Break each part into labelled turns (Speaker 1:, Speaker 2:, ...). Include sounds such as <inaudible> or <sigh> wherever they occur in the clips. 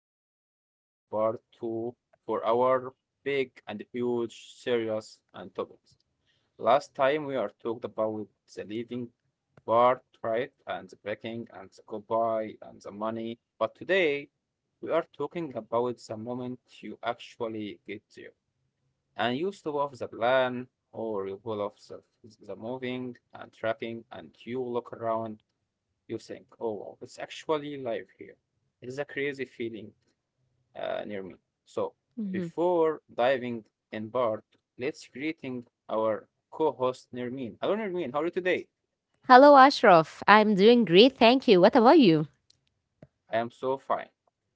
Speaker 1: are for a part two for our big and huge serious and topics. Last time we are talked about the leaving part, right? And the breaking and the goodbye and the money. But today we are talking about the moment you actually get there. And you stop off the plan or you pull off the moving and trapping and you look around you think, oh, wow, it's actually live here. It is a crazy feeling near me. So,
Speaker 2: Mhm.
Speaker 1: before diving in Bart, let's greeting our co-host Nirmin. Hello, Nirmin. How are you today?
Speaker 2: Hello, Ashraf. I'm doing great, thank you. What about you?
Speaker 1: I am so fine,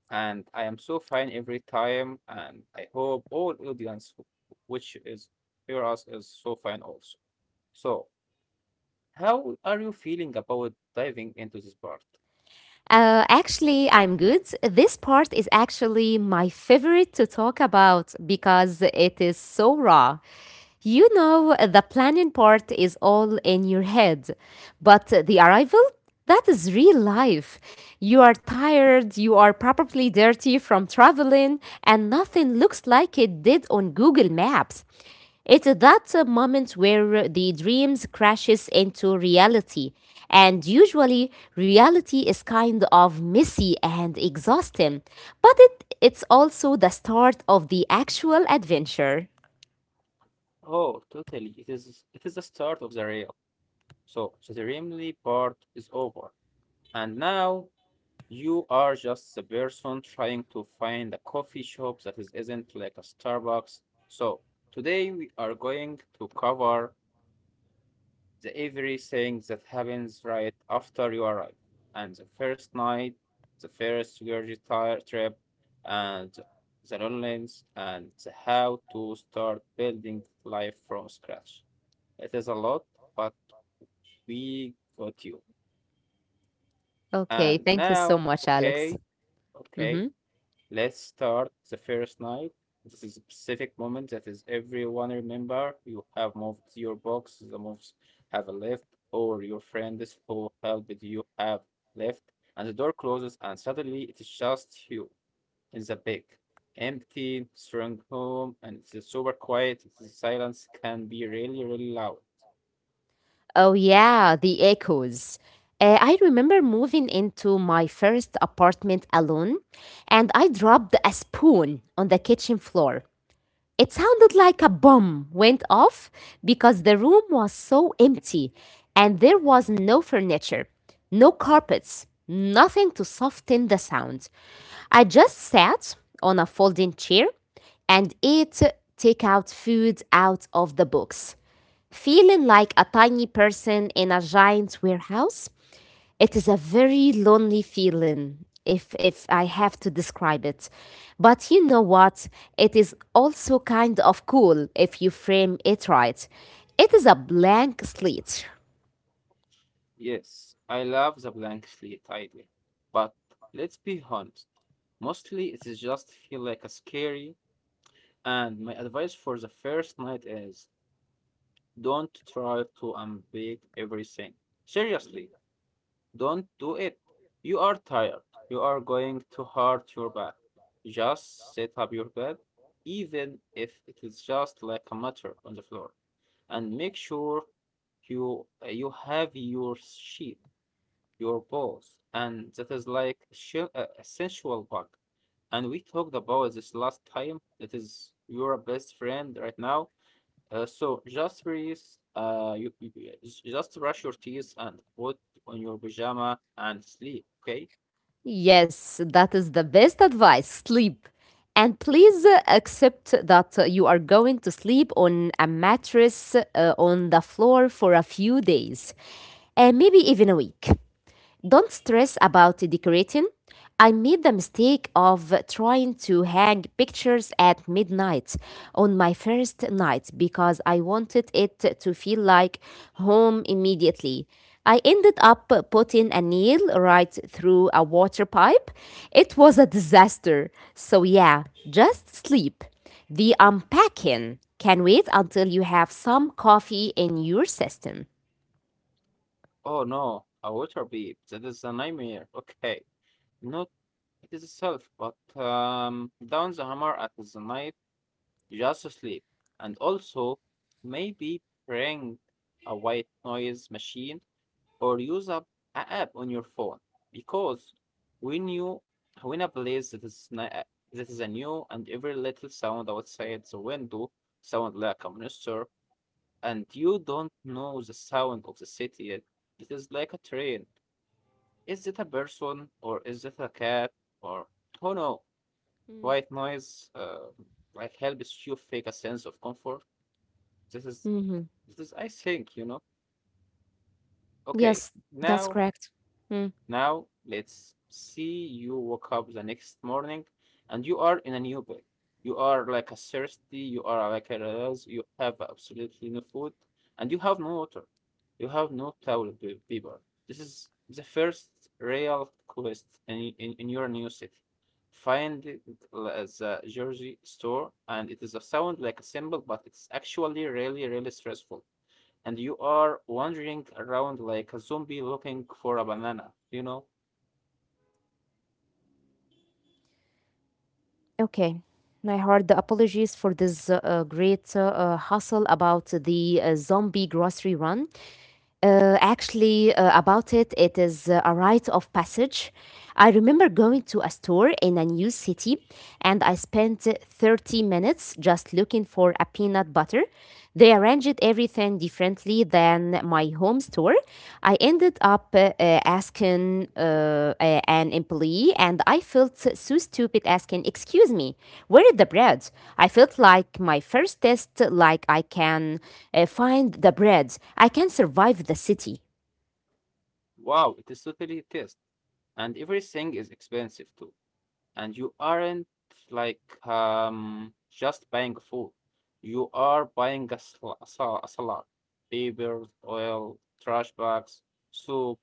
Speaker 1: and I am so fine every time, and I hope all audience, which is hear us, is so fine also. So, how are you feeling about diving into this part?
Speaker 2: Actually, I'm good. This part is actually my favorite to talk about because it is so raw. You know, the planning part is all in your head, but the arrival? That is real life. You are tired, you are probably dirty from traveling, and nothing looks like it did on Google Maps. It's that moment where the dreams crashes into reality, and usually reality is kind of messy and exhausting, but it's also the start of the actual adventure.
Speaker 1: Oh, totally. It is the start of the rail. So the remedy part is over. And now you are just the person trying to find a coffee shop isn't like a Starbucks. So today we are going to cover the everything that happens right after you arrive. And the first night, the first surgery trip, and the loneliness, and the how to start building life from scratch. It is a lot, but we got you.
Speaker 2: Okay,
Speaker 1: And
Speaker 2: thank you so
Speaker 1: now,
Speaker 2: much, Alex.
Speaker 1: okay, okay,
Speaker 2: Mhm.
Speaker 1: let's start the first night. This is a specific moment that is everyone remember. You have moved your box, the moves have left, or your friends who helped you have left, and the door closes, and suddenly it is just you in the big, empty, strong home, and it's super quiet. The silence can be really, really loud.
Speaker 2: Oh, yeah, the echoes. I remember moving into my first apartment alone, and I dropped a spoon on the kitchen floor. It sounded like a bomb went off because the room was so empty and there was no furniture, no carpets, nothing to soften the sound. I just sat on a folding chair and ate takeout food out of the box. Feeling like a tiny person in a giant warehouse, it is a very lonely feeling if I have to describe it. But you know what? It is also kind of cool if you frame it right. It is a blank slate.
Speaker 1: Yes, I love the blank slate idea, but let's be honest. Mostly it is just feel like a scary. And my advice for the first night is don't try to unpick everything. Seriously, don't do it. You are tired. You are going to hurt your back. Just set up your bed, even if it is just like a matter on the floor, and make sure you have your sheet, your balls, and that is like a sensual bug. And we talked about this last time. That is your best friend right now. So just release, just brush your teeth and put on your pajama and sleep. Okay.
Speaker 2: Yes, that is the best advice. Sleep. And please accept that you are going to sleep on a mattress on the floor for a few days, and maybe even a week. Don't stress about decorating. I made the mistake of trying to hang pictures at midnight on my first night because I wanted it to feel like home immediately. I ended up putting a nail right through a water pipe. It was a disaster. So, yeah, just sleep. The unpacking can wait until you have some coffee in your system.
Speaker 1: Oh no, a water beep. That is a nightmare. Okay, not it is itself, but down the hammer at the night. Just sleep, and also maybe bring a white noise machine or use up an app on your phone because when you when a place that is a new and every little sound outside the window sound like a monster and you don't know the sound of the city yet. It is like a train. Is it a person or is it a cat or who know?
Speaker 2: Mm.
Speaker 1: White noise like helps you fake a sense of comfort. This is
Speaker 2: Mhm.
Speaker 1: this is I think. Okay,
Speaker 2: Yes, that's
Speaker 1: now
Speaker 2: correct. Mm,
Speaker 1: Now, let's see you woke up the next morning and you are in a new bed. You are like a thirsty, you are like a rouse, you have absolutely no food, and you have no water. You have no towel paper. This is the first real quest in your new city. Find it the jersey store, and it is a sound like a symbol, but it's actually really, really stressful and you are wandering around like a zombie looking for a banana, you know?
Speaker 2: Okay. I heard the apologies for this great hustle about the zombie grocery run. Actually, about it, it is a rite of passage. I remember going to a store in a new city and I spent 30 minutes just looking for a peanut butter. They arranged everything differently than my home store. I ended up asking an employee, and I felt so stupid asking, "Excuse me, where is the bread?" I felt like my first test, like I can find the bread. I can survive the city.
Speaker 1: Wow, it is totally a test, and everything is expensive too. And you aren't like just buying food. You are buying a salad, papers, oil, trash bags, soap,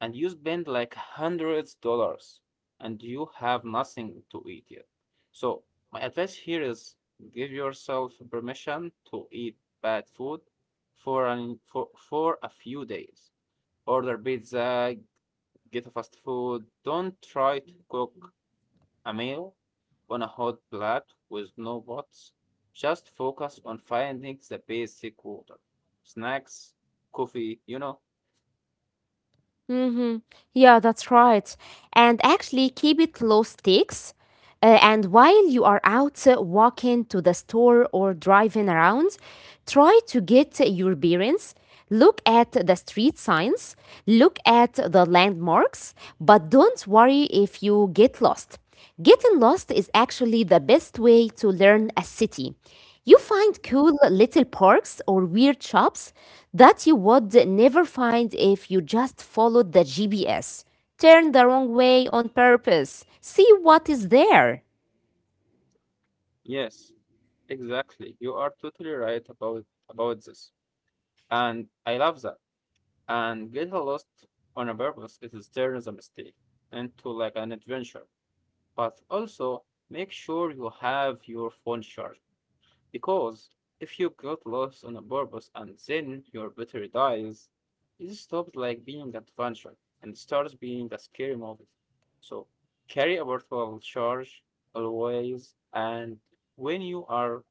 Speaker 1: and you spend like hundreds dollars, and you have nothing to eat yet. So my advice here is give yourself permission to eat bad food for an for a few days. Order pizza, get a fast food. Don't try to cook a meal on a hot plate with no pots. Just focus on finding the basic water, snacks, coffee.
Speaker 2: Mm-hmm. Yeah, that's right. And actually, keep it low stakes. And while you are out walking to the store or driving around, try to get your bearings. Look at the street signs, look at the landmarks, but don't worry if you get lost. Getting lost is actually the best way to learn a city. You find cool little parks or weird shops that you would never find if you just followed the GPS. Turn the wrong way on purpose. See what is there.
Speaker 1: Yes, exactly. You are totally right about this. And I love that. And get lost on a purpose it is turns a mistake into like an adventure. But also make sure you have your phone charged. Because if you got lost on a purpose and then your battery dies, it stops like being adventure and starts being a scary movie. So carry a portable charge always and when you are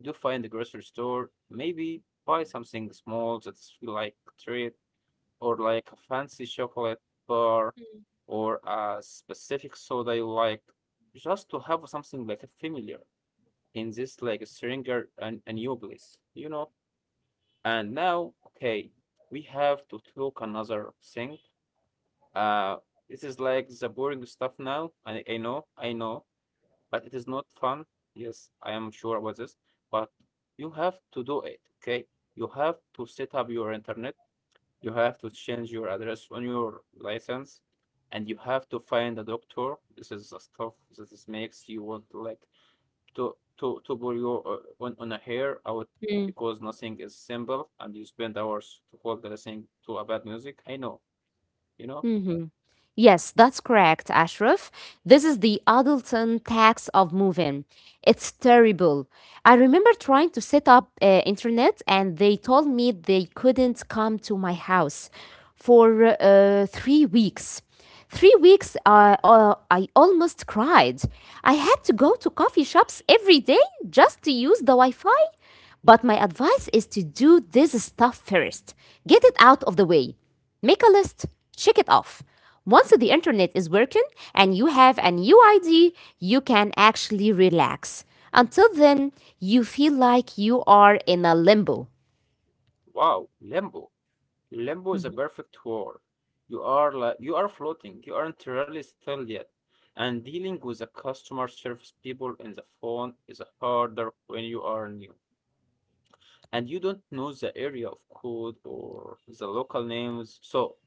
Speaker 1: do find the grocery store, maybe buy something small that's feel like a treat or like a fancy chocolate bar or a specific soda you like just to have something like a familiar in this like stranger and a new place. And now, okay, we have to talk another thing. Uh, this is like the boring stuff now. I know, I know, but it is not fun. Yes, I am sure about this, but you have to do it. Okay, you have to set up your internet. You have to change your address on your license, and you have to find a doctor. This is the stuff that is makes you want like to pull your on a hair out because nothing is simple and you spend hours to hold the thing to a bad music. I know.
Speaker 2: Hmm. Yes, that's correct, Ashraf. This is the adulting tax of moving. It's terrible. I remember trying to set up internet, and they told me they couldn't come to my house for 3 weeks. 3 weeks, I almost cried. I had to go to coffee shops every day just to use the Wi Fi. But my advice is to do this stuff first. Get it out of the way. Make a list, check it off. Once the internet is working and you have a new idea, you can actually relax. Until then, you feel like you are in a limbo.
Speaker 1: Wow, limbo. Limbo is a
Speaker 2: Mhm.
Speaker 1: perfect word. You are like you are floating. You aren't really still yet. And dealing with the customer service people in the phone is harder when you are new. And you don't know the area of code or the local names. So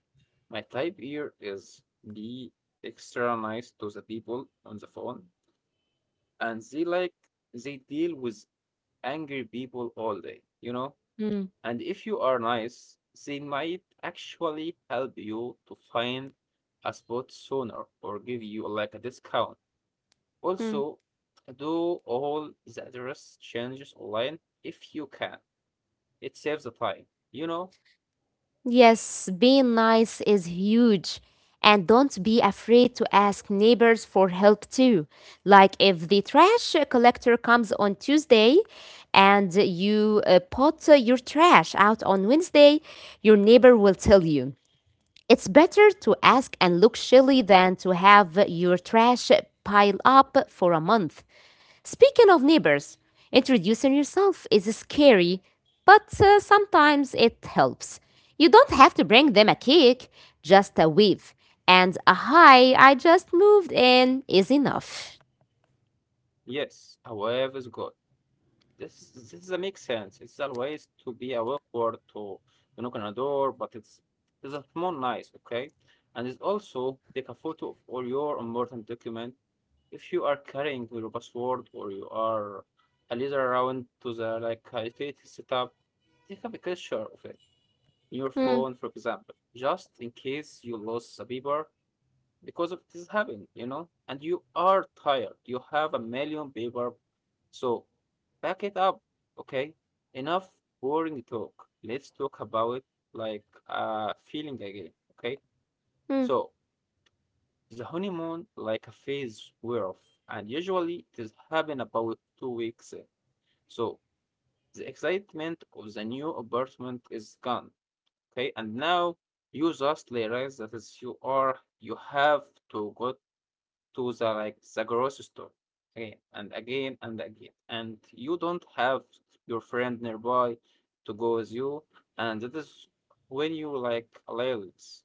Speaker 1: my type here is be extra nice to the people on the phone, and they like they deal with angry people all day, you know?
Speaker 2: Mm,
Speaker 1: And if you are nice, they might actually help you to find a spot sooner or give you like a discount.
Speaker 2: mm.
Speaker 1: Also, do all the address changes online if you can. It saves the time, you know?
Speaker 2: Yes, being nice is huge. And don't be afraid to ask neighbors for help too. Like if the trash collector comes on Tuesday and you put your trash out on Wednesday, your neighbor will tell you. It's better to ask and look silly than to have your trash pile up for a month. Speaking of neighbors, introducing yourself is scary, but sometimes it helps. You don't have to bring them a cake, just a wave. And a hi, I just moved in is enough.
Speaker 1: Yes, however is good. This makes sense. It's always to be a awkward to knock on a door, but it's a small nice, okay? And it's also take a photo of all your important document. If you are carrying your password or you are a leader around to the like a utility setup, take a picture of it in your
Speaker 2: Hmm,
Speaker 1: phone, for example, just in case you lose the paper because of this happened, and you are tired. You have a million paper, so back it up, okay? Enough boring talk. Let's talk about like feeling again, okay?
Speaker 2: hmm.
Speaker 1: So the honeymoon like a phase wear off, and usually it is happen about 2 weeks. In. So the excitement of the new apartment is gone, okay? And now you just realize that is you have to go to the like the grocery store again and again and again, and you don't have your friend nearby to go with you, and that is when you like laziness,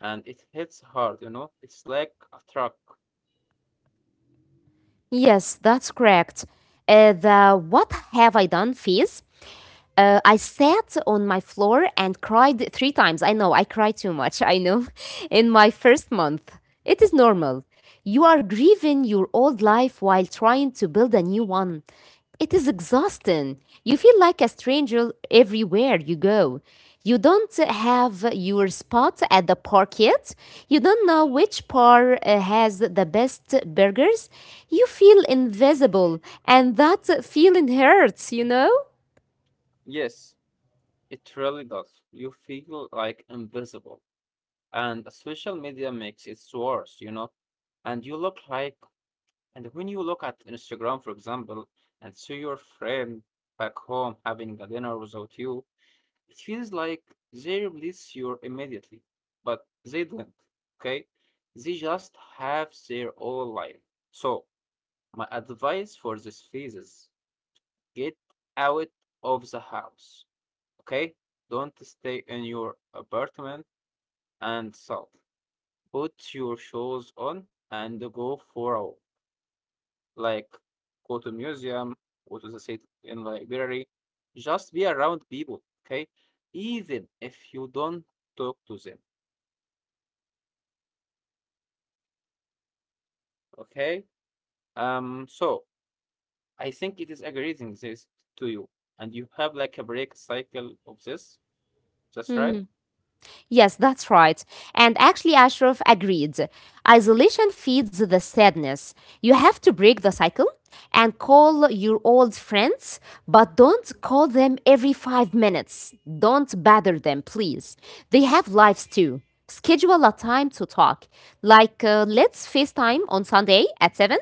Speaker 1: and it hits hard. It's like a truck.
Speaker 2: Yes, that's correct. The what have I done phase. I sat on my floor and cried 3 times. I know, I cry too much, I know, <laughs> in my first month. It is normal. You are grieving your old life while trying to build a new one. It is exhausting. You feel like a stranger everywhere you go. You don't have your spot at the park yet. You don't know which bar has the best burgers. You feel invisible, and that feeling hurts, you know?
Speaker 1: Yes, it really does. You feel like invisible, and social media makes it worse. And you look like, and when you look at Instagram, for example, and see your friend back home having a dinner without you. It feels like they replace you immediately, but they don't. Okay? They just have their own life. So, my advice for this phase is get out of the house. Okay? Don't stay in your apartment and sulk. Put your shoes on and go for a walk. Like, go to museum, go to the city in library. Just be around people. Okay? Even if you don't talk to them. Okay. So I think it is agreeing this to you, and you have like a break cycle of this. That's right.
Speaker 2: Mm-hmm. Yes, that's right. And actually, Ashraf agreed. Isolation feeds the sadness. You have to break the cycle and call your old friends, but don't call them every 5 minutes. Don't bother them, please. They have lives too. Schedule a time to talk. Like, let's FaceTime on Sunday at 7,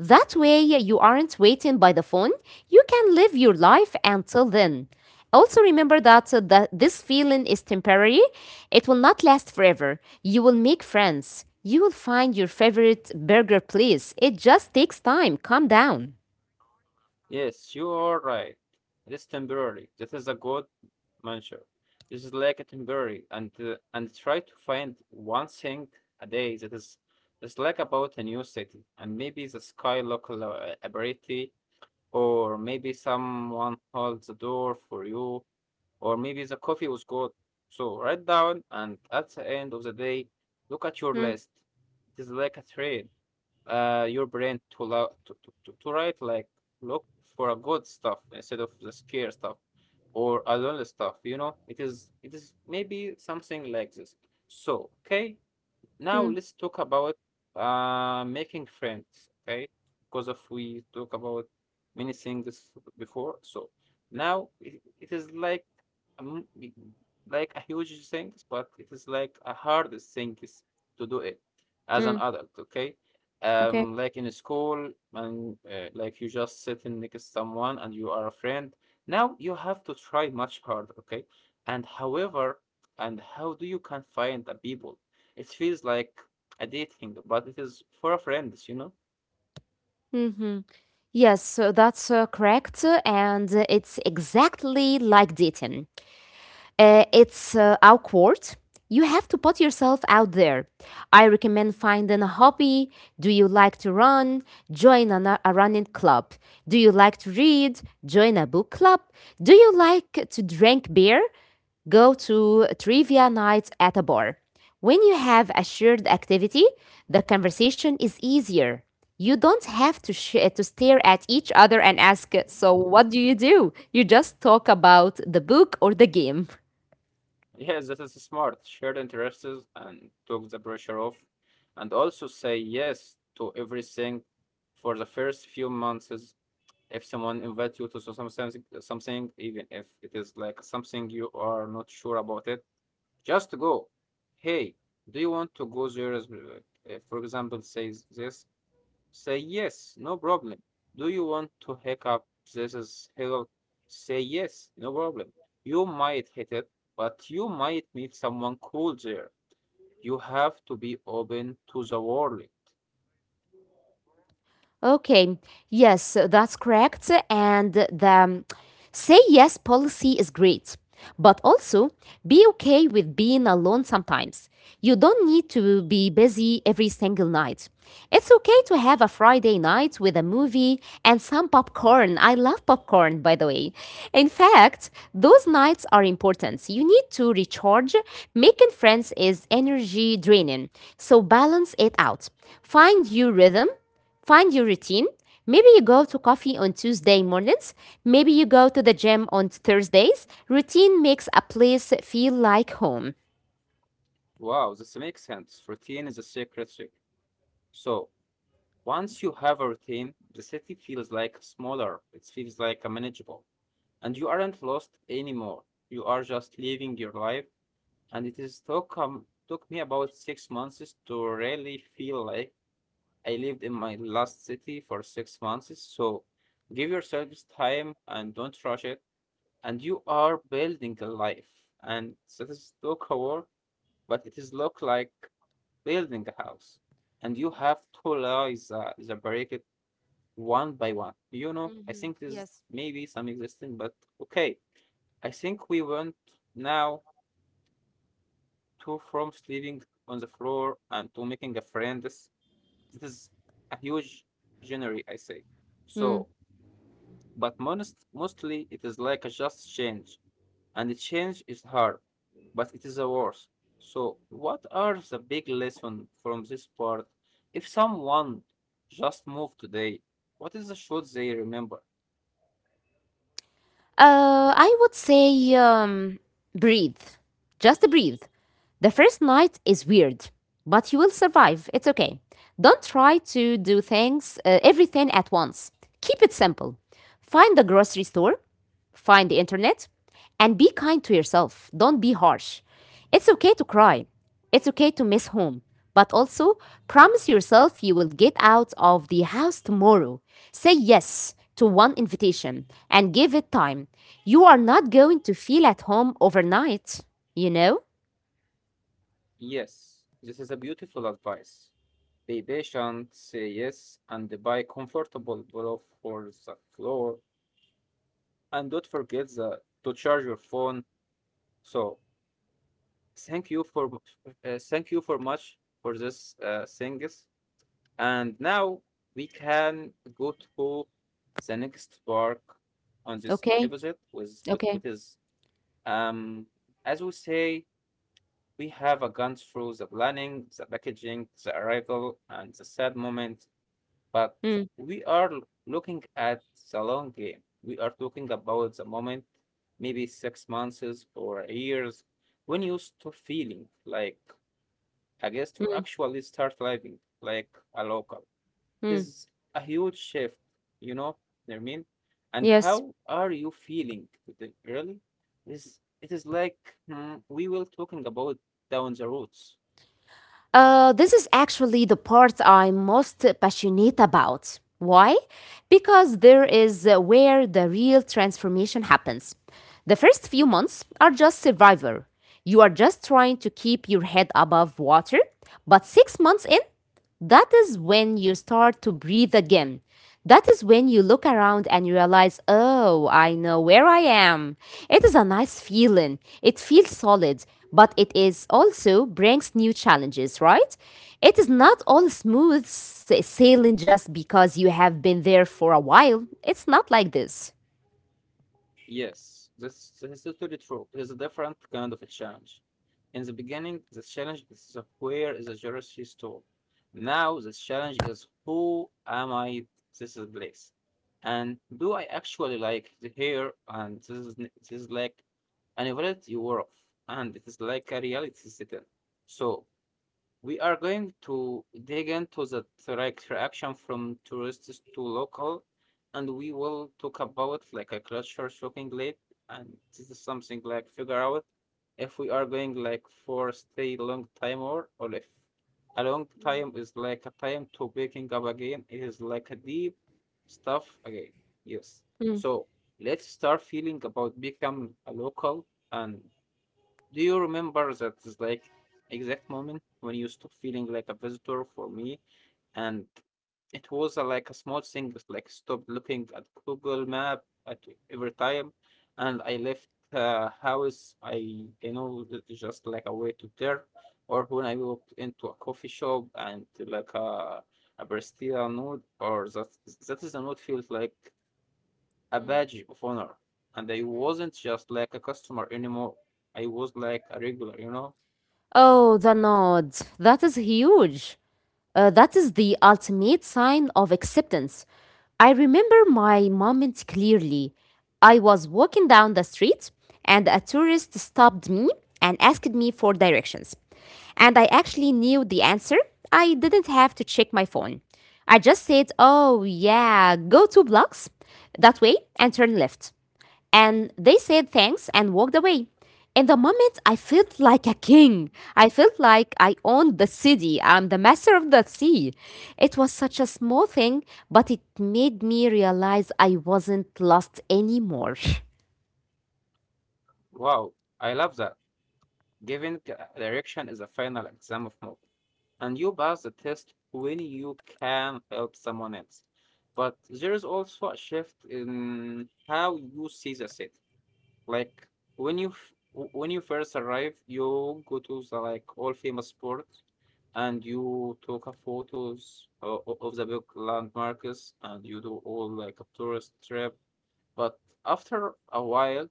Speaker 2: that way, you aren't waiting by the phone. You can live your life until then. Also, remember that this feeling is temporary, it will not last forever. You will make friends. You will find your favorite burger place. It just takes time. Calm down.
Speaker 1: Yes, you are right. It is temporary. This is a good measure. This is like a temporary, and try to find one thing a day that is it's like about a new city, and maybe the sky local ability, or maybe someone holds the door for you, or maybe the coffee was cold. So write down, and at the end of the day, look at your
Speaker 2: Hmm,
Speaker 1: list. It is like a train. Your brain to, allow, to write like look for a good stuff instead of the scare stuff or a lonely stuff. You know, it is maybe something like this. So okay, now
Speaker 2: hmm,
Speaker 1: let's talk about making friends, okay? Because if we talk about many things before, so now it is like um, like a huge thing, but it is like a hardest thing is to do it as
Speaker 2: hmm.
Speaker 1: an adult, okay?
Speaker 2: Okay.
Speaker 1: Like in school, and like you just sitting next to someone and you are a friend. Now you have to try much harder, okay? And however, and how do you can find the people? It feels like a dating, but it is for a friends, you know?
Speaker 2: Hmm. Yes, that's correct. And it's exactly like dating. It's awkward. You have to put yourself out there. I recommend finding a hobby. Do you like to run? Join a running club. Do you like to read? Join a book club. Do you like to drink beer? Go to trivia nights at a bar. When you have a shared activity, the conversation is easier. You don't have to stare at each other and ask, "So what do?" You just talk about the book or the game. <laughs>
Speaker 1: Yes, that is smart. Share interests and took the pressure off. And also say yes to everything for the first few months. Is If someone invites you to some something, even if it is like something you are not sure about it, just go. Hey, do you want to go there? As, For example, says this. Say yes, no problem. Do you want to hack up this is hello? Say yes, no problem. You might hit it, but you might meet someone cool there. You have to be open to the world.
Speaker 2: Okay, yes, that's correct. And the say yes policy is great, but also be okay with being alone sometimes. You don't need to be busy every single night. It's okay to have a Friday night with a movie and some popcorn. I love popcorn, by the way. In fact, those nights are important. You need to recharge. Making friends is energy draining, so balance it out. Find your rhythm. Find your routine. Maybe you go to coffee on Tuesday mornings. Maybe you go to the gym on Thursdays. Routine makes a place feel like home.
Speaker 1: Wow, this makes sense. Routine is a secret trick. So once you have a routine, the city feels like smaller. It feels like manageable. And you aren't lost anymore. You are just living your life and it is took took me about 6 months to really feel like I lived in my last city for 6 months. So give yourselves time and don't rush it. And you are building a life, and that is look a work, but it is look like building a house, and you have to allow the break it one by one. You know, I
Speaker 2: Mm-hmm.
Speaker 1: think this
Speaker 2: Yes.
Speaker 1: maybe some existing, but okay. I think we went now to from sleeping on the floor and to making a friend. This is a huge genre, I say.
Speaker 2: Mm.
Speaker 1: So, but mostly it is like a just change, and the change is hard, but it is a worse. So, what are the big lesson from this part? If someone just moved today, what is the should they remember?
Speaker 2: I would say breathe. Just breathe. The first night is weird, but you will survive. It's okay. Don't try to do everything at once. Keep it simple. Find the grocery store. Find the internet and be kind to yourself. Don't be harsh. It's okay to cry. It's okay to miss home. But also, promise yourself you will get out of the house tomorrow. Say yes to one invitation and give it time. You are not going to feel at home overnight, you know?
Speaker 1: Yes, this is a beautiful advice. Be patient, say yes, and buy comfortable pillow for the floor. And don't forget to charge your phone. So thank you for thank you for much for this things. And now we can go to the next park on this
Speaker 2: Okay,
Speaker 1: episode with
Speaker 2: okay.
Speaker 1: what is um as we say we have a gone through the planning, the packaging, the arrival, and the sad moment. But
Speaker 2: Mm,
Speaker 1: we are looking at the long game. We are talking about the moment, maybe 6 months or years, when you stop feeling like a guest or
Speaker 2: mm,
Speaker 1: actually start living like a local. It
Speaker 2: mm.
Speaker 1: is a huge shift, you know what I mean? And
Speaker 2: Yes.
Speaker 1: how are you feeling today? Really? It is like mm, we will talking about down the roads.
Speaker 2: This is actually the part I'm most passionate about. Why? Because there is where the real transformation happens. The first few months are just survival. You are just trying to keep your head above water, but 6 months in, that is when you start to breathe again. That is when you look around and realize, oh, I know where I am. It is a nice feeling. It feels solid, but it is also brings new challenges, right? It is not all sailing just because you have been there for a while. It's not like this.
Speaker 1: Yes, this is totally true. It is a different kind of a challenge. In the beginning, the challenge is the where is a grocery store. Now the challenge is who am I at this is place? And do I actually like the hair? And this is like an evaluate you were off. And it is like a reality setting. So we are going to dig into the direct reaction from tourists to local, and we will talk about like a culture shocking late, and this is something like figure out if we are going like for stay long time or if a long time is like a time to waking up again. It is like a deep stuff again. Yes.
Speaker 2: Mm.
Speaker 1: So let's start feeling about become a local and do you remember that is like exact moment when you stopped feeling like a visitor for me and it was a, like a small thing just like stopped looking at Google map at every time and I left house I you know just like a way to turn or when I walked into a coffee shop and like a barista note or that that is a note feels like a badge of honor. And I wasn't just like a customer anymore. I was like a regular, you know?
Speaker 2: Oh, the nod. That is huge. That is the ultimate sign of acceptance. I remember my moment clearly. I was walking down the street and a tourist stopped me and asked me for directions. And I actually knew the answer. I didn't have to check my phone. I just said, oh yeah, go 2 blocks that way and turn left. And they said thanks and walked away. In the moment, I felt like a king. I felt like I owned the city. I'm the master of the sea. It was such a small thing, but it made me realize I wasn't lost anymore. <laughs>
Speaker 1: Wow, I love that. Giving direction is a final exam of mode. And you pass the test when you can help someone else. But there is also a shift in how you see the city. Like when you when you first arrive, you go to the like all famous spot and you take a photos of the big landmarks and you do all like a tourist trip. But after a while,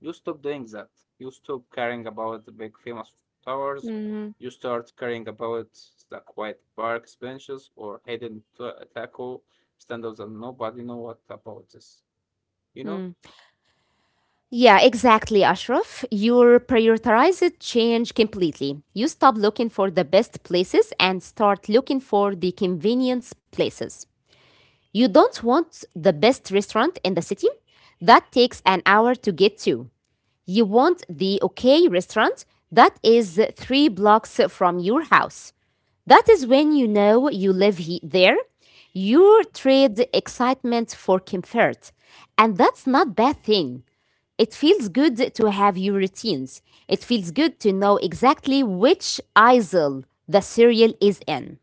Speaker 1: you stop doing that. You stop caring about the big famous towers.
Speaker 2: Mhm.
Speaker 1: You start caring about the quiet parks benches or hidden taco stands that nobody know what about this. You know?
Speaker 2: Yeah, exactly, Ashraf. Your prioritized change completely. You stop looking for the best places and start looking for the convenience places. You don't want the best restaurant in the city that takes an hour to get to. You want the okay restaurant that is 3 blocks from your house. That is when you know you there. You trade excitement for comfort. And that's not bad thing. It feels good to have your routines. It feels good to know exactly which aisle the cereal is in.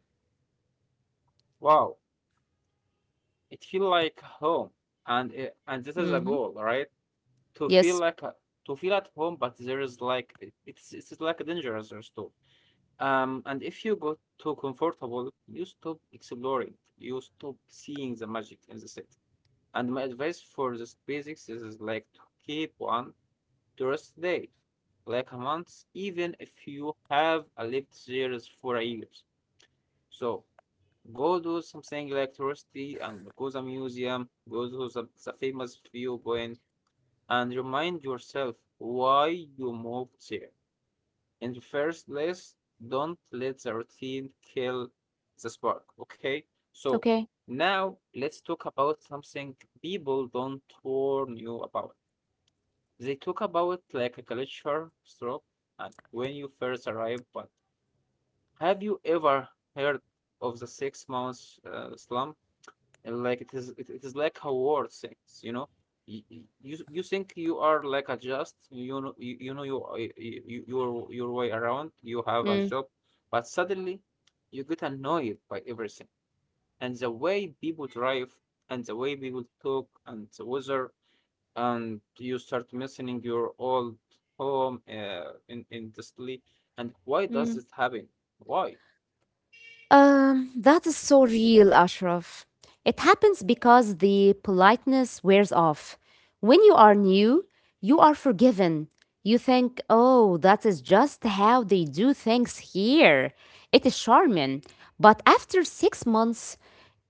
Speaker 1: Wow. It feel like home, and and this is a
Speaker 2: Hmm.
Speaker 1: goal, right? To feel
Speaker 2: Yes.
Speaker 1: like to feel at home, but there is like it's like dangerous or too. And if you got too comfortable, you stop exploring, you stop seeing the magic in the city. And my advice for this basics is like to keep one tourist day, like a month, even if you have lived there for years. So. Go do something like touristy and go to the museum, go to the famous viewpoint, and remind yourself why you moved there. In the first place, don't let the routine kill the spark, okay? So
Speaker 2: Okay.
Speaker 1: now let's talk about something people don't warn you about. They talk about like a culture stroke and when you first arrive, but have you ever heard of the 6 month slump? And like it is it is like how war thinks you know you think you are like a just you know you know your way around you have a
Speaker 2: Mm.
Speaker 1: job but suddenly you get annoyed by everything and the way people drive and the way people talk and the weather and you start missing your old home in the sleep and why does this happen why
Speaker 2: That is so real, Ashraf. It happens because the politeness wears off. When you are new, you are forgiven. You think, oh, that is just how they do things here. It is charming. But after 6 months,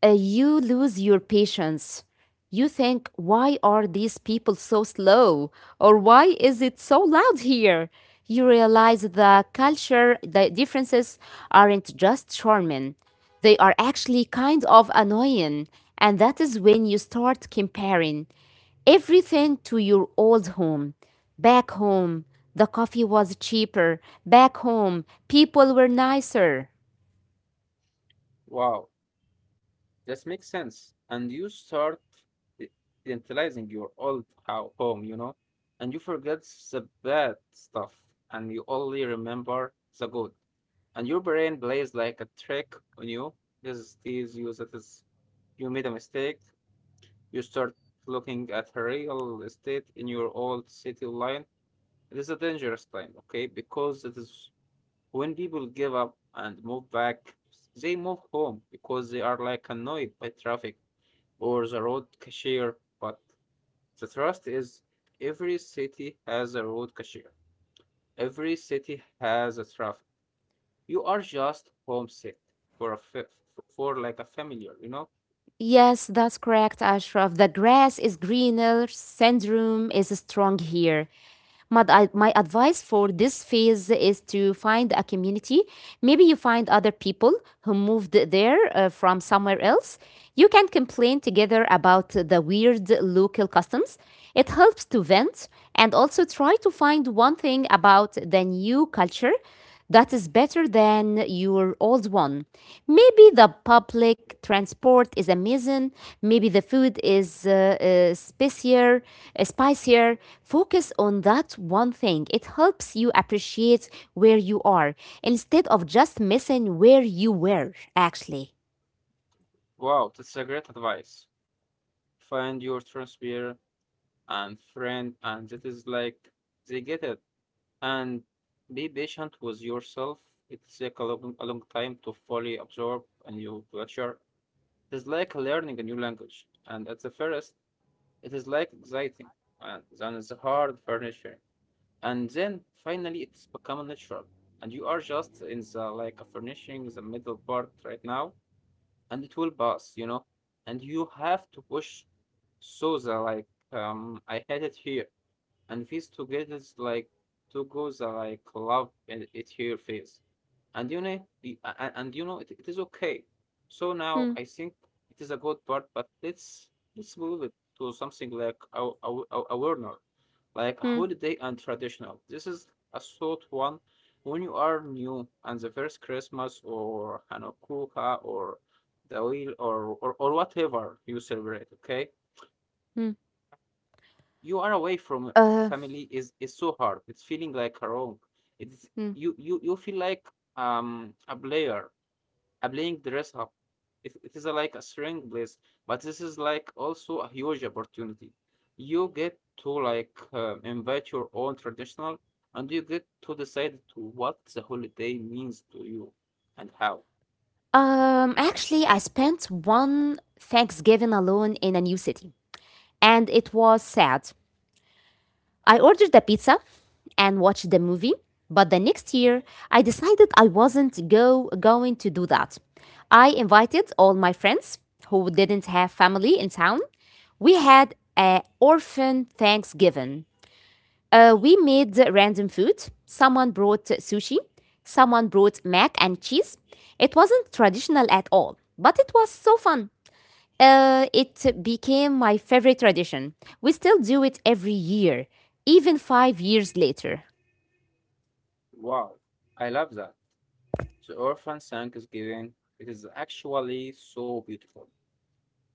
Speaker 2: you lose your patience. You think, why are these people so slow? Or why is it so loud here? You realize the differences aren't just charming, they are actually kind of annoying. And that is when you start comparing everything to your old home. Back home, the coffee was cheaper. Back home, people were nicer.
Speaker 1: wow That makes sense. And you start i- identifying your old home, you know, and you forget the bad stuff and you only remember the good. And your brain plays like a trick on you. This tells you that is, you made a mistake. You start looking at a real estate in your old city line. It is a dangerous time, okay? Because it is when people give up and move back, they move home because they are like annoyed by traffic or the road cashier, but the trust is every city has a road cashier. Every city has a traffic. You are just homesick for for like a familiar, you know?
Speaker 2: Yes, that's correct, Ashraf. The grass is greener, syndrome is strong here. My advice for this phase is to find a community. Maybe you find other people who moved there from somewhere else. You can complain together about the weird local customs. It helps to vent and also try to find one thing about the new culture that is better than your old one. Maybe the public transport is amazing. Maybe the food is spicier, spicier. Focus on that one thing. It helps you appreciate where you are instead of just missing where you were, actually.
Speaker 1: Wow, that's a great advice. Find your transfer and friend, and that is like they get it. And be patient with yourself. It takes a long time to fully absorb a new culture. It's like learning a new language. And at the first, It is like exciting and then the hard furniture. And then finally it's become natural. And you are just in the like a furnishing the middle part right now and it will pass, you know. And you have to push so the like I had it here and these two get is like to go the like love it here phase and you know and you know it is okay so
Speaker 2: Hmm,
Speaker 1: now I think it is a good part but let's move it to something like a warner like a
Speaker 2: hmm,
Speaker 1: holiday and traditional this is a sort one when you are new and the first christmas or hanukkah or dawil or whatever you celebrate okay
Speaker 2: hmm.
Speaker 1: you are away from
Speaker 2: Uh,
Speaker 1: family is so hard it's feeling like a wrong it's
Speaker 2: hmm.
Speaker 1: you feel like a player a playing dress up. It is like a string place, but this is like also a huge opportunity. You get to like invite your own traditional, and you get to decide to what the holiday means to you and how.
Speaker 2: Actually, I spent one Thanksgiving alone in a new city, and it was sad. I ordered the pizza and watched the movie, but the next year I decided I wasn't going to do that. I invited all my friends who didn't have family in town. We had an orphan Thanksgiving. We made random food. Someone brought sushi, someone brought mac and cheese. It wasn't traditional at all, but it was so fun. It became my favorite tradition. We still do it every year, even 5 years later.
Speaker 1: Wow, I love that. The orphan Thanksgiving. It is actually so beautiful.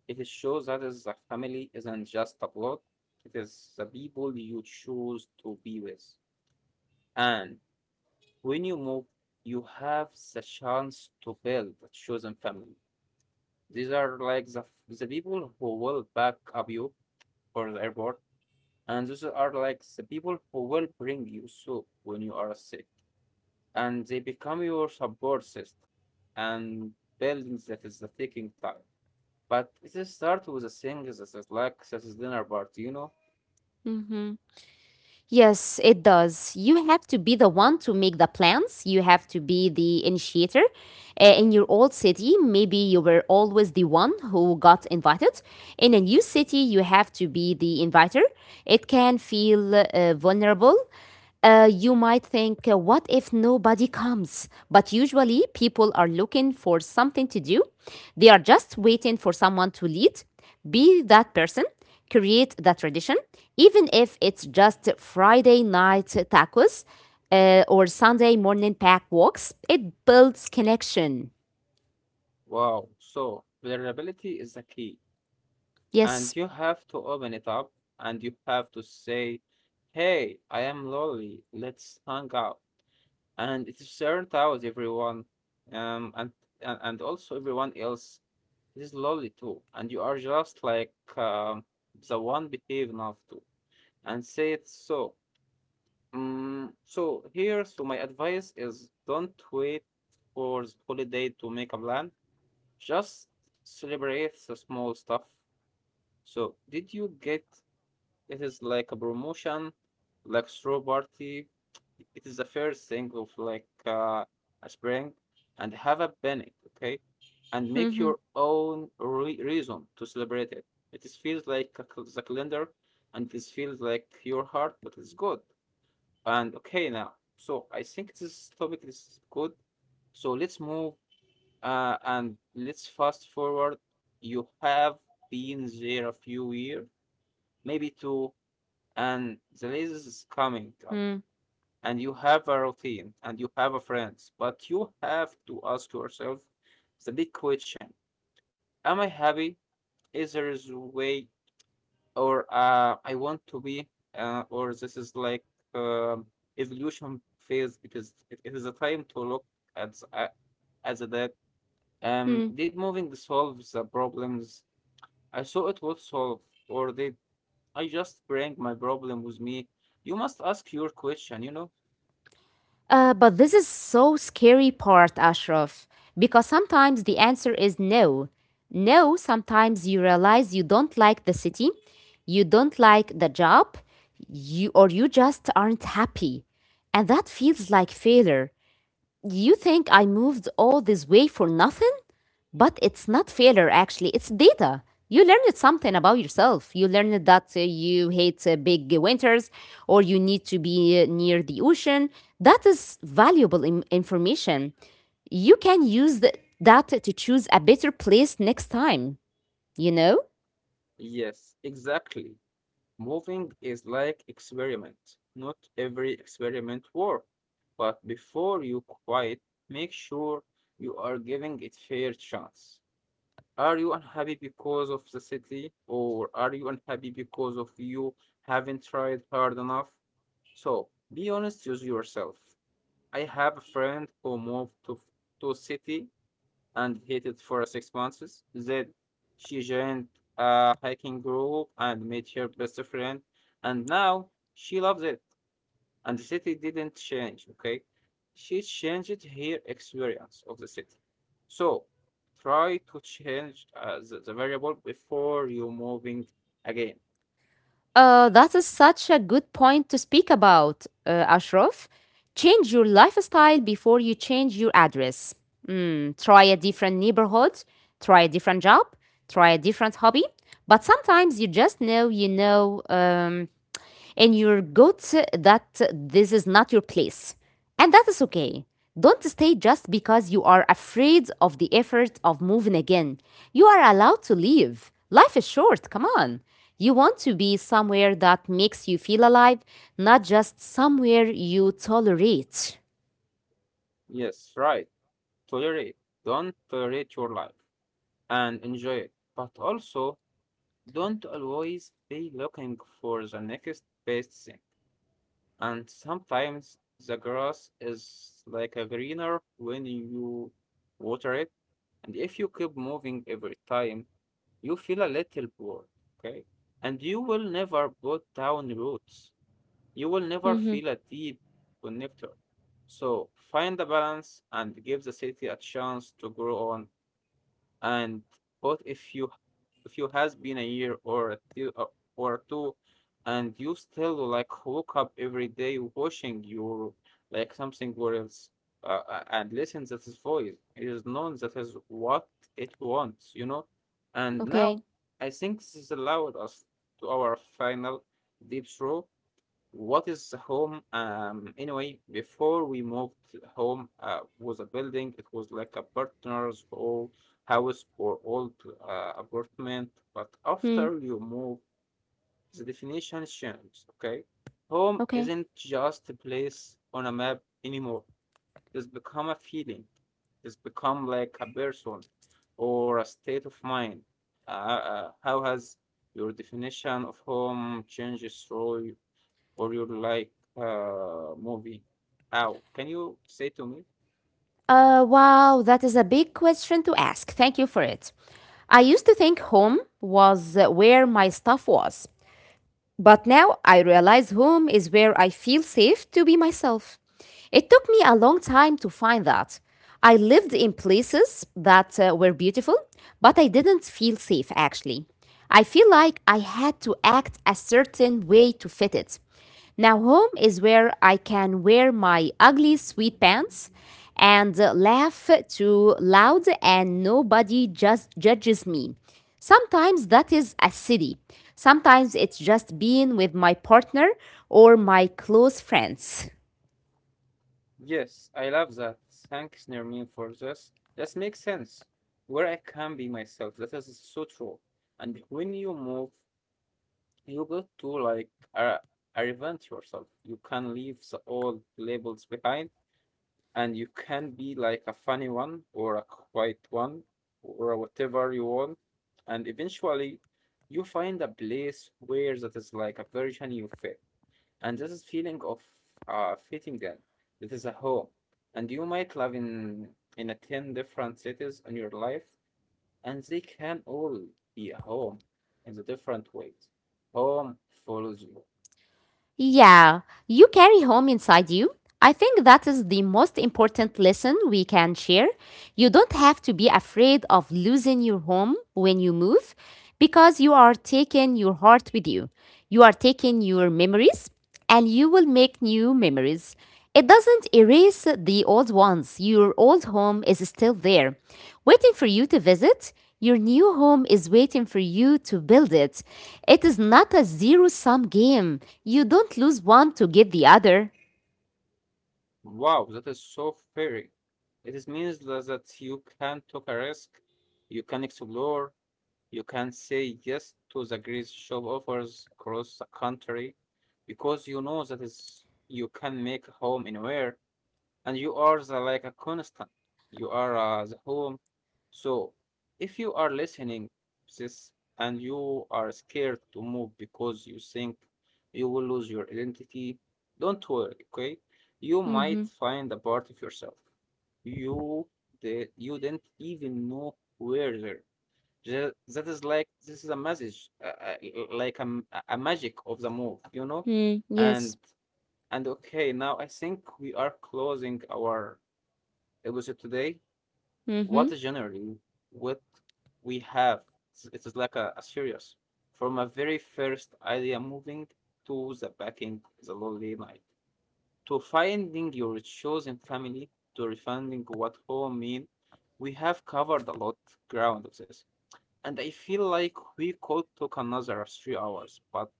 Speaker 1: It shows that is a family isn't just a blood. It is the people you choose to be with. And When you move, you have the chance to build a chosen family. These are like the people who will back up you for the airport, and those are like the people who will bring you soup when you are sick, and they become your support system. And building that is the taking time, but it is start with a thing that is like such as dinner party, you know.
Speaker 2: Mhm. Yes, it does. You have to be the one to make the plans. You have to be the initiator. In your old city, maybe you were always the one who got invited. In a new city, you have to be the inviter. It can feel vulnerable. You might think, what if nobody comes? But usually, people are looking for something to do. They are just waiting for someone to lead, be that person, create that tradition, even if it's just Friday night tacos or Sunday morning pack walks. It builds connection.
Speaker 1: Wow. So vulnerability is the key.
Speaker 2: Yes.
Speaker 1: And you have to open it up and you have to say, Hey, I am lonely. Let's hang out. And it is turned out everyone, um, and, and also everyone else is lonely too. And you are just like the one behave enough to and say it so. So my advice is don't wait for the holiday to make a plan. Just celebrate the small stuff. So, did you get it is like a promotion, like straw party. It is the first thing of like a spring, and have a panic, okay, and make your own reason to celebrate it. It is feels like a the calendar, and this feels like your heart, but it's good and okay now. So I think this topic is good. So let's move and let's fast forward. You have been there a few years, maybe two, and the lasers is coming up and you have a routine and you have a friends, but you have to ask yourself the big question. Am I happy? Is there is way, or I want to be, or this is like, um, evolution phase. It is a time to look at, as a that,
Speaker 2: <laughs>
Speaker 1: did moving solve the problems I saw it would solve, or did I just bring my problem with me? You must ask your question, you know.
Speaker 2: But this is so scary part, Ashraf, because sometimes the answer is no. No, sometimes you realize you don't like the city, you don't like the job, you or you just aren't happy. And that feels like failure. You think I moved all this way for nothing? But it's not failure, actually, it's data. You learned something about yourself. You learned that you hate big winters or you need to be near the ocean. That is valuable information. You can use that to choose a better place next time, you know?
Speaker 1: Yes, exactly. Moving is like experiment. Not every experiment work, but before you quit, make sure you are giving it fair chance. Are you unhappy because of the city, or are you unhappy because of you haven't tried hard enough? So be honest with yourself. I have a friend who moved to a city and hated for 6 months. Then she joined a hiking group and made her best friend, and now she loves it. And the city didn't change, okay? She changed her experience of the city. So try to change, the variable, before you moving again.
Speaker 2: That is such a good point to speak about, Ashraf. Change your lifestyle before you change your address. Mm, try a different neighborhood, try a different job, try a different hobby. But sometimes you just know you know and you're good that this is not your place. And that is okay. Don't stay just because you are afraid of the effort of moving again. You are allowed to leave. Life is short, come on. You want to be somewhere that makes you feel alive, not just somewhere you tolerate.
Speaker 1: Yes, right. Tolerate. Don't tolerate your life and enjoy it. But also, don't always be looking for the next best thing. And sometimes the grass is like a greener when you water it. And if you keep moving every time, you feel a little bored, okay? And you will never put down roots. You will never
Speaker 2: Mm-hmm.
Speaker 1: feel a deep connector. So find the balance and give the city a chance to grow on, and but if you has been a year or a two, or two, and you still like woke up every day washing your like something where else, and listen that his voice, it is known that is what it wants, you know. And now
Speaker 2: Okay.
Speaker 1: I think this allowed us to our final deep throw. What is home? Anyway, before we moved home, was a building. It was like a partner's old house or old, apartment. But
Speaker 2: Hmm.
Speaker 1: after you move, the definition changes. Okay, home
Speaker 2: Okay.
Speaker 1: isn't just a place on a map anymore. It's become a feeling. It's become like a person or a state of mind. How has your definition of home changes through? Or you like, movie, how can you say to me?
Speaker 2: Wow, that is a big question to ask. Thank you for it. I used to think home was where my stuff was, but now I realize home is where I feel safe to be myself. It took me a long time to find that. I lived in places that were beautiful, but I didn't feel safe actually. I feel like I had to act a certain way to fit it. Now, home is where I can wear my ugly sweatpants and laugh too loud, and nobody just judges me. Sometimes that is a city. Sometimes it's just being with my partner or my close friends.
Speaker 1: Yes, I love that. Thanks, Nermin, for this. That makes sense. Where I can be myself. That is so true. And when you move, you got to like, uh, reinvent yourself. You can leave the old labels behind, and you can be like a funny one or a quiet one or whatever you want. And eventually, you find a place where that is like a version you fit. And this is feeling of, fitting in. It is a home, and you might live in a 10 different cities in your life, and they can all be a home in the different ways. Home follows you.
Speaker 2: Yeah, you carry home inside you. I think that is the most important lesson we can share. You don't have to be afraid of losing your home when you move because you are taking your heart with you. You are taking your memories and you will make new memories. It doesn't erase the old ones. Your old home is still there waiting for you to visit. Your new home is waiting for you to build it. It is not a zero sum game. You don't lose one to get the other.
Speaker 1: Wow, that is so fairy. It is means that you can take a risk, you can explore, you can say yes to the great job offers across the country, because you know that is you can make a home anywhere, and you are the, like a constant. You are the home. So if you are listening this and you are scared to move because you think you will lose your identity, don't worry, okay? You
Speaker 2: Mm-hmm.
Speaker 1: might find a part of yourself you did you didn't even know where there. That is like this is a message, like a, a magic of the move, you know,
Speaker 2: Mm, yes.
Speaker 1: and and okay, now I think we are closing our episode today.
Speaker 2: Mm-hmm.
Speaker 1: What is generally what we have? It is like a series from a very first idea moving to the backing, the lonely night, to finding your chosen family, to refining what home mean. We have covered a lot ground of this, and I feel like we could talk another 3 hours, but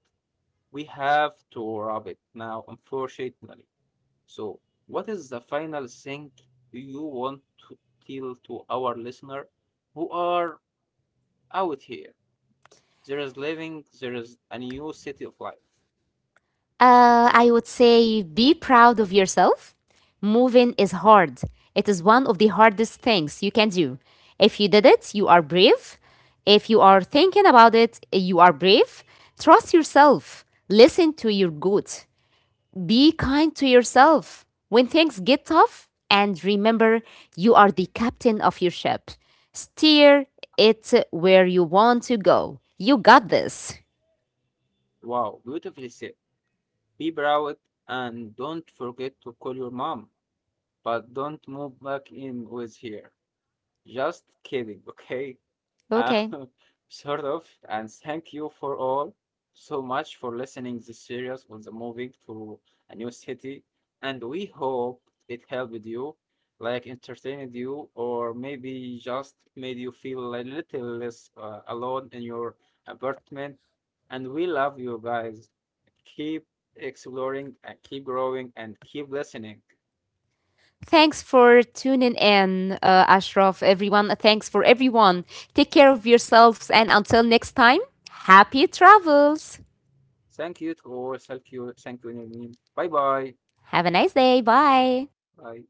Speaker 1: we have to wrap it now, unfortunately. So, what is the final thing you want to tell to our listener who are out here? There is living, there is a new city of life.
Speaker 2: I would say be proud of yourself. Moving is hard, it is one of the hardest things you can do. If you did it, you are brave. If you are thinking about it, you are brave. Trust yourself, listen to your gut. Be kind to yourself when things get tough, and remember you are the captain of your ship. Steer it where you want to go. You got this.
Speaker 1: Wow, beautifully said. Be proud and don't forget to call your mom, but don't move back in with here. Just kidding, okay? Uh,
Speaker 2: Okay.
Speaker 1: <laughs> sort of. And thank you for all so much for listening this series on the moving to a new city. And we hope it helped you, like entertained you, or maybe just made you feel a little less, alone in your apartment. And we love you guys. Keep exploring and keep growing and keep listening.
Speaker 2: Thanks for tuning in, Ashraf, everyone. Thanks for everyone. Take care of yourselves, and until next time, happy travels.
Speaker 1: Thank you to all. Thank you. Thank you, Nermeen. Bye bye.
Speaker 2: Have a nice day. Bye.
Speaker 1: Bye.